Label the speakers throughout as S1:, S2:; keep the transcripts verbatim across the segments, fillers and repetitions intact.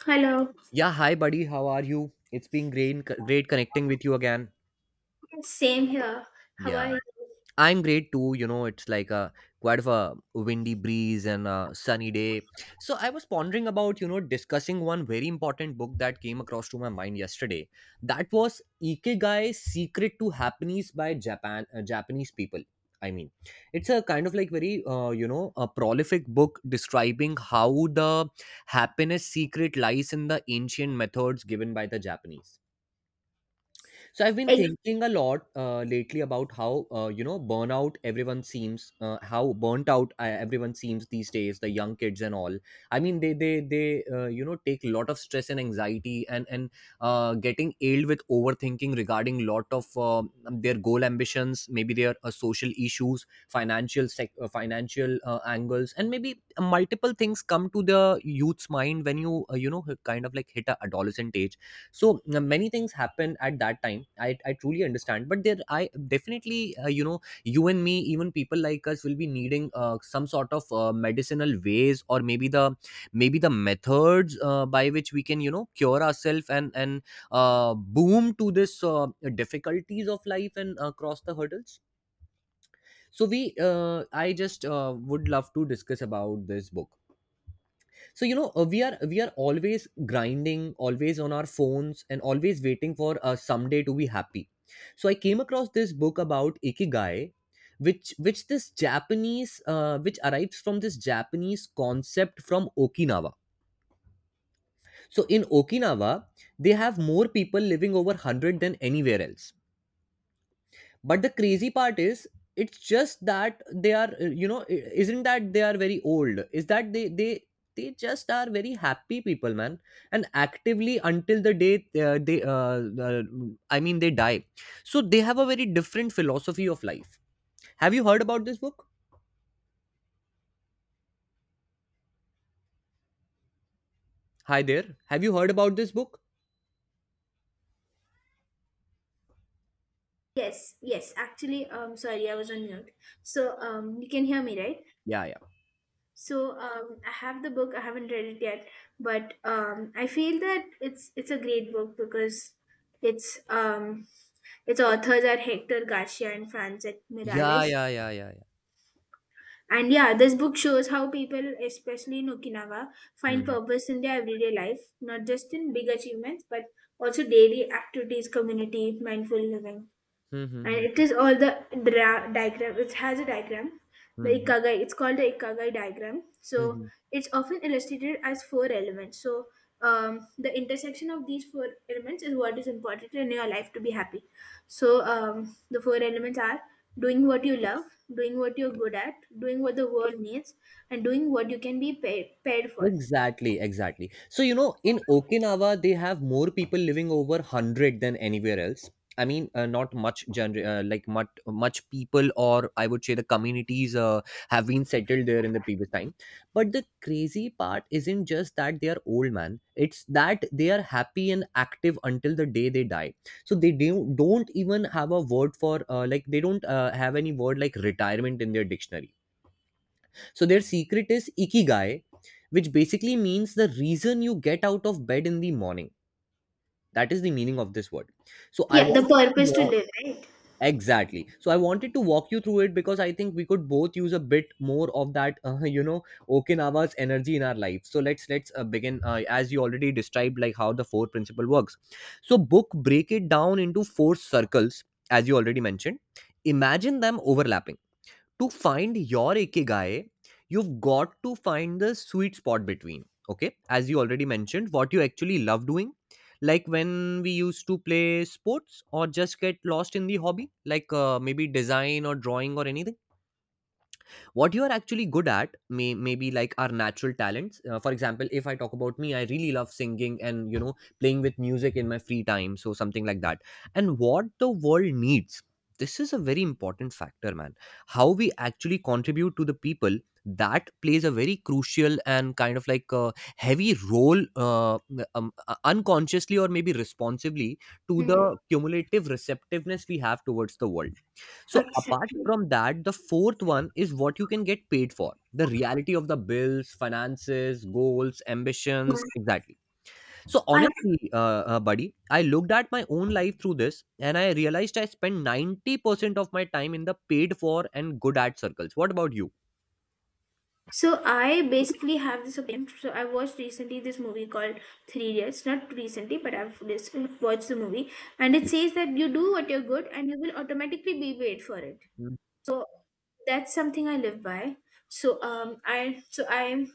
S1: Hello.
S2: Yeah, hi buddy, how are you? It's been great great connecting with you again.
S1: Same here. How
S2: Yeah.
S1: are you?
S2: I'm great too, you know, it's like a quite of a windy breeze and a sunny day. So I was pondering about, you know, discussing one very important book that came across to my mind yesterday. That was Ikigai Secret to Happiness by Japan uh, Japanese people. I mean, it's a kind of like very uh, you know, a prolific book describing how the happiness secret lies in the ancient methods given by the Japanese. So I've been
S1: Eh,
S2: thinking a lot uh, lately about how uh, you know, burnout, everyone seems, uh, how burnt out uh, everyone seems these days, the young kids and all. I mean, they they they uh, you know, take a lot of stress and anxiety, and and uh, getting ailed with overthinking regarding lot of uh, their goal ambitions, maybe their uh, social issues, financial sec- uh, financial uh, angles, and maybe uh, multiple things come to the youth's mind when you uh, you know, kind of like hit a adolescent age. So uh, many things happen at that time. i, I truly understand, but there i definitely uh, you know, you and me, even people like us will be needing uh, some sort of uh, medicinal ways, or maybe the maybe the methods uh, by which we can, you know, cure ourselves and and uh, boom to this uh, difficulties of life and uh, cross the hurdles. So we uh, i just uh, would love to discuss about this book. So you know, uh, we are we are always grinding, always on our phones, and always waiting for uh, someday to be happy. So i came across this book about ikigai, which which this japanese uh, which arrives from this japanese concept from okinawa. So in okinawa they have more people living over one hundred than anywhere else. But the crazy part is, it's just that they are uh, you know, i- isn't that they are very old, is that they they they just are very happy people, man, and actively until the day uh, they uh, uh, i mean, they die. So they have a very different philosophy of life. Have you heard about this book? Hi there. Have you heard about this book?
S1: yes, yes. Actually, um, sorry, I was on mute. So, um, you can hear me, right?
S2: yeah yeah
S1: So, um, I have the book. I haven't read it yet, but um, I feel that it's it's a great book because it's um, its authors are Hector Garcia and Francis
S2: yeah
S1: Miralles.
S2: yeah yeah yeah yeah
S1: And yeah, this book shows how people, especially in Okinawa, find
S2: Hmm.
S1: purpose in their everyday life, not just in big achievements, but also daily activities, community, mindful living.
S2: Hmm, hmm,
S1: And it
S2: hmm,
S1: is all the dra- diagram, it has a diagram,
S2: hmm,
S1: the
S2: hmm,
S1: ikagai, it's called the ikagai diagram. So
S2: hmm, hmm.
S1: it's often illustrated as four elements. So um, the intersection of these four elements is what is important in your life to be happy. So um, the four elements are doing what you love, doing what you're good at, doing what the world needs, and doing what you can be paid, paid for.
S2: Exactly, exactly. So, you know, in Okinawa, they have more people living over one hundred than anywhere else. I mean, uh, not much gener- uh, like much, much people, or I would say the communities uh, have been settled there in the previous time. But the crazy part isn't just that they are old, man. It's that they are happy and active until the day they die. So they do- don't even have a word for, uh, like, they don't uh, have any word like retirement in their dictionary. So their secret is ikigai, which basically means the reason you get out of bed in the morning. That is the meaning of this word. So I
S1: Yeah, the
S2: wanted to
S1: purpose to
S2: walk
S1: live, right?
S2: exactly. So I wanted to walk you through it, because I think we could both use a bit more of that, uh, you know, Okinawa's energy in our life. So let's let's uh, begin, uh, as you already described, like how the four principle works. So book break it down into four circles, as you already mentioned. Imagine them overlapping to find your ikigai. You've got to find the sweet spot between, okay, as you already mentioned, what you actually love doing, like when we used to play sports or just get lost in the hobby, like uh, maybe design or drawing or anything. What you are actually good at, may maybe like our natural talents. Uh, for example, if i talk about me, i really love singing and, you know, playing with music in my free time, so something like that. And what the world needs. This is a very important factor, man. How we actually contribute to the people, that plays a very crucial and kind of like a heavy role, uh, um, uh, unconsciously or maybe responsibly, to
S1: Mm,
S2: the cumulative receptiveness we have towards the world. So apart
S1: exactly.
S2: from that, the fourth one is what you can get paid for. The reality of the bills, finances, goals, ambitions,
S1: Yeah.
S2: exactly. So
S1: I
S2: honestly, uh, uh, buddy, I looked at my own life through this, and I realized I spend ninety percent of my time in the paid for and good at circles. What about you?
S1: So I basically have this opinion. So I watched recently this movie called Three Idiots. Not recently, but I've just watched the movie, and it says that you do what you're good, and you will automatically be paid for it.
S2: Mm.
S1: So that's something I live by. So um, I so I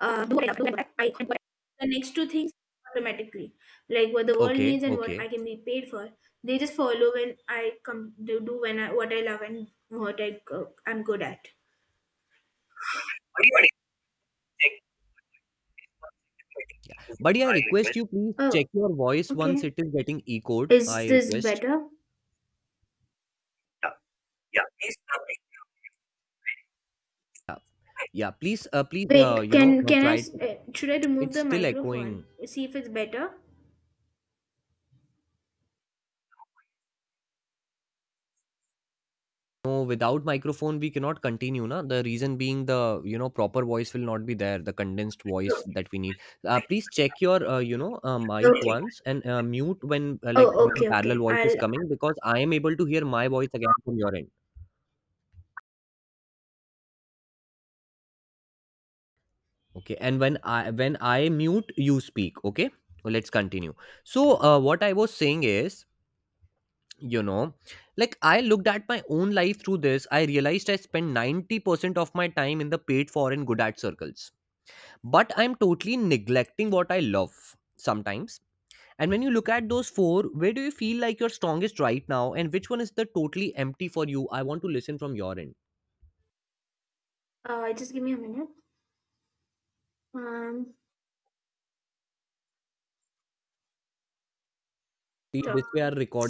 S1: uh, do what I love, do what I I- and what I- the next two things automatically, like what the world
S2: Okay,
S1: needs and what I
S2: okay,
S1: can be paid for, they just follow when I come do do when I what I love and what I go, I'm good at.
S2: buddy. I
S1: I
S2: request
S1: will.
S2: you please check
S1: Oh,
S2: your voice once,
S1: okay.
S2: it is getting echoed.
S1: Is
S2: I
S1: this
S2: request.
S1: better? Yeah, yeah. Please tell me.
S2: Yeah, yeah. Please, uh, please, uh,
S1: Wait,
S2: you know,
S1: can
S2: uh,
S1: can I
S2: try
S1: s-
S2: to.
S1: uh, should I remove
S2: It's
S1: the
S2: still
S1: microphone?
S2: echoing.
S1: See if it's better.
S2: No, without microphone, we cannot continue, na. The reason being the, you know, proper voice will not be there, the condensed
S1: No,
S2: voice that we need. Uh,
S1: I-
S2: please check your, uh, you know, uh, mic
S1: okay.
S2: once, and uh, mute when uh, like
S1: Oh,
S2: m-
S1: okay,
S2: parallel
S1: okay.
S2: voice is
S1: I'll
S2: coming, because I am able to hear my voice again from your end. Okay, and when I when I mute, you speak. Okay, well, let's continue. So, uh, what I was saying is, you know, like I looked at my own life through this. I realized I spend ninety percent of my time in the paid for and good at circles, but I'm totally neglecting what I love sometimes. And when you look at those four, where do you feel like you're strongest right now, and which one is the totally empty for you? I want to listen from your end.
S1: uh just give me a minute. Um,
S2: See, this
S1: talk.
S2: way our recording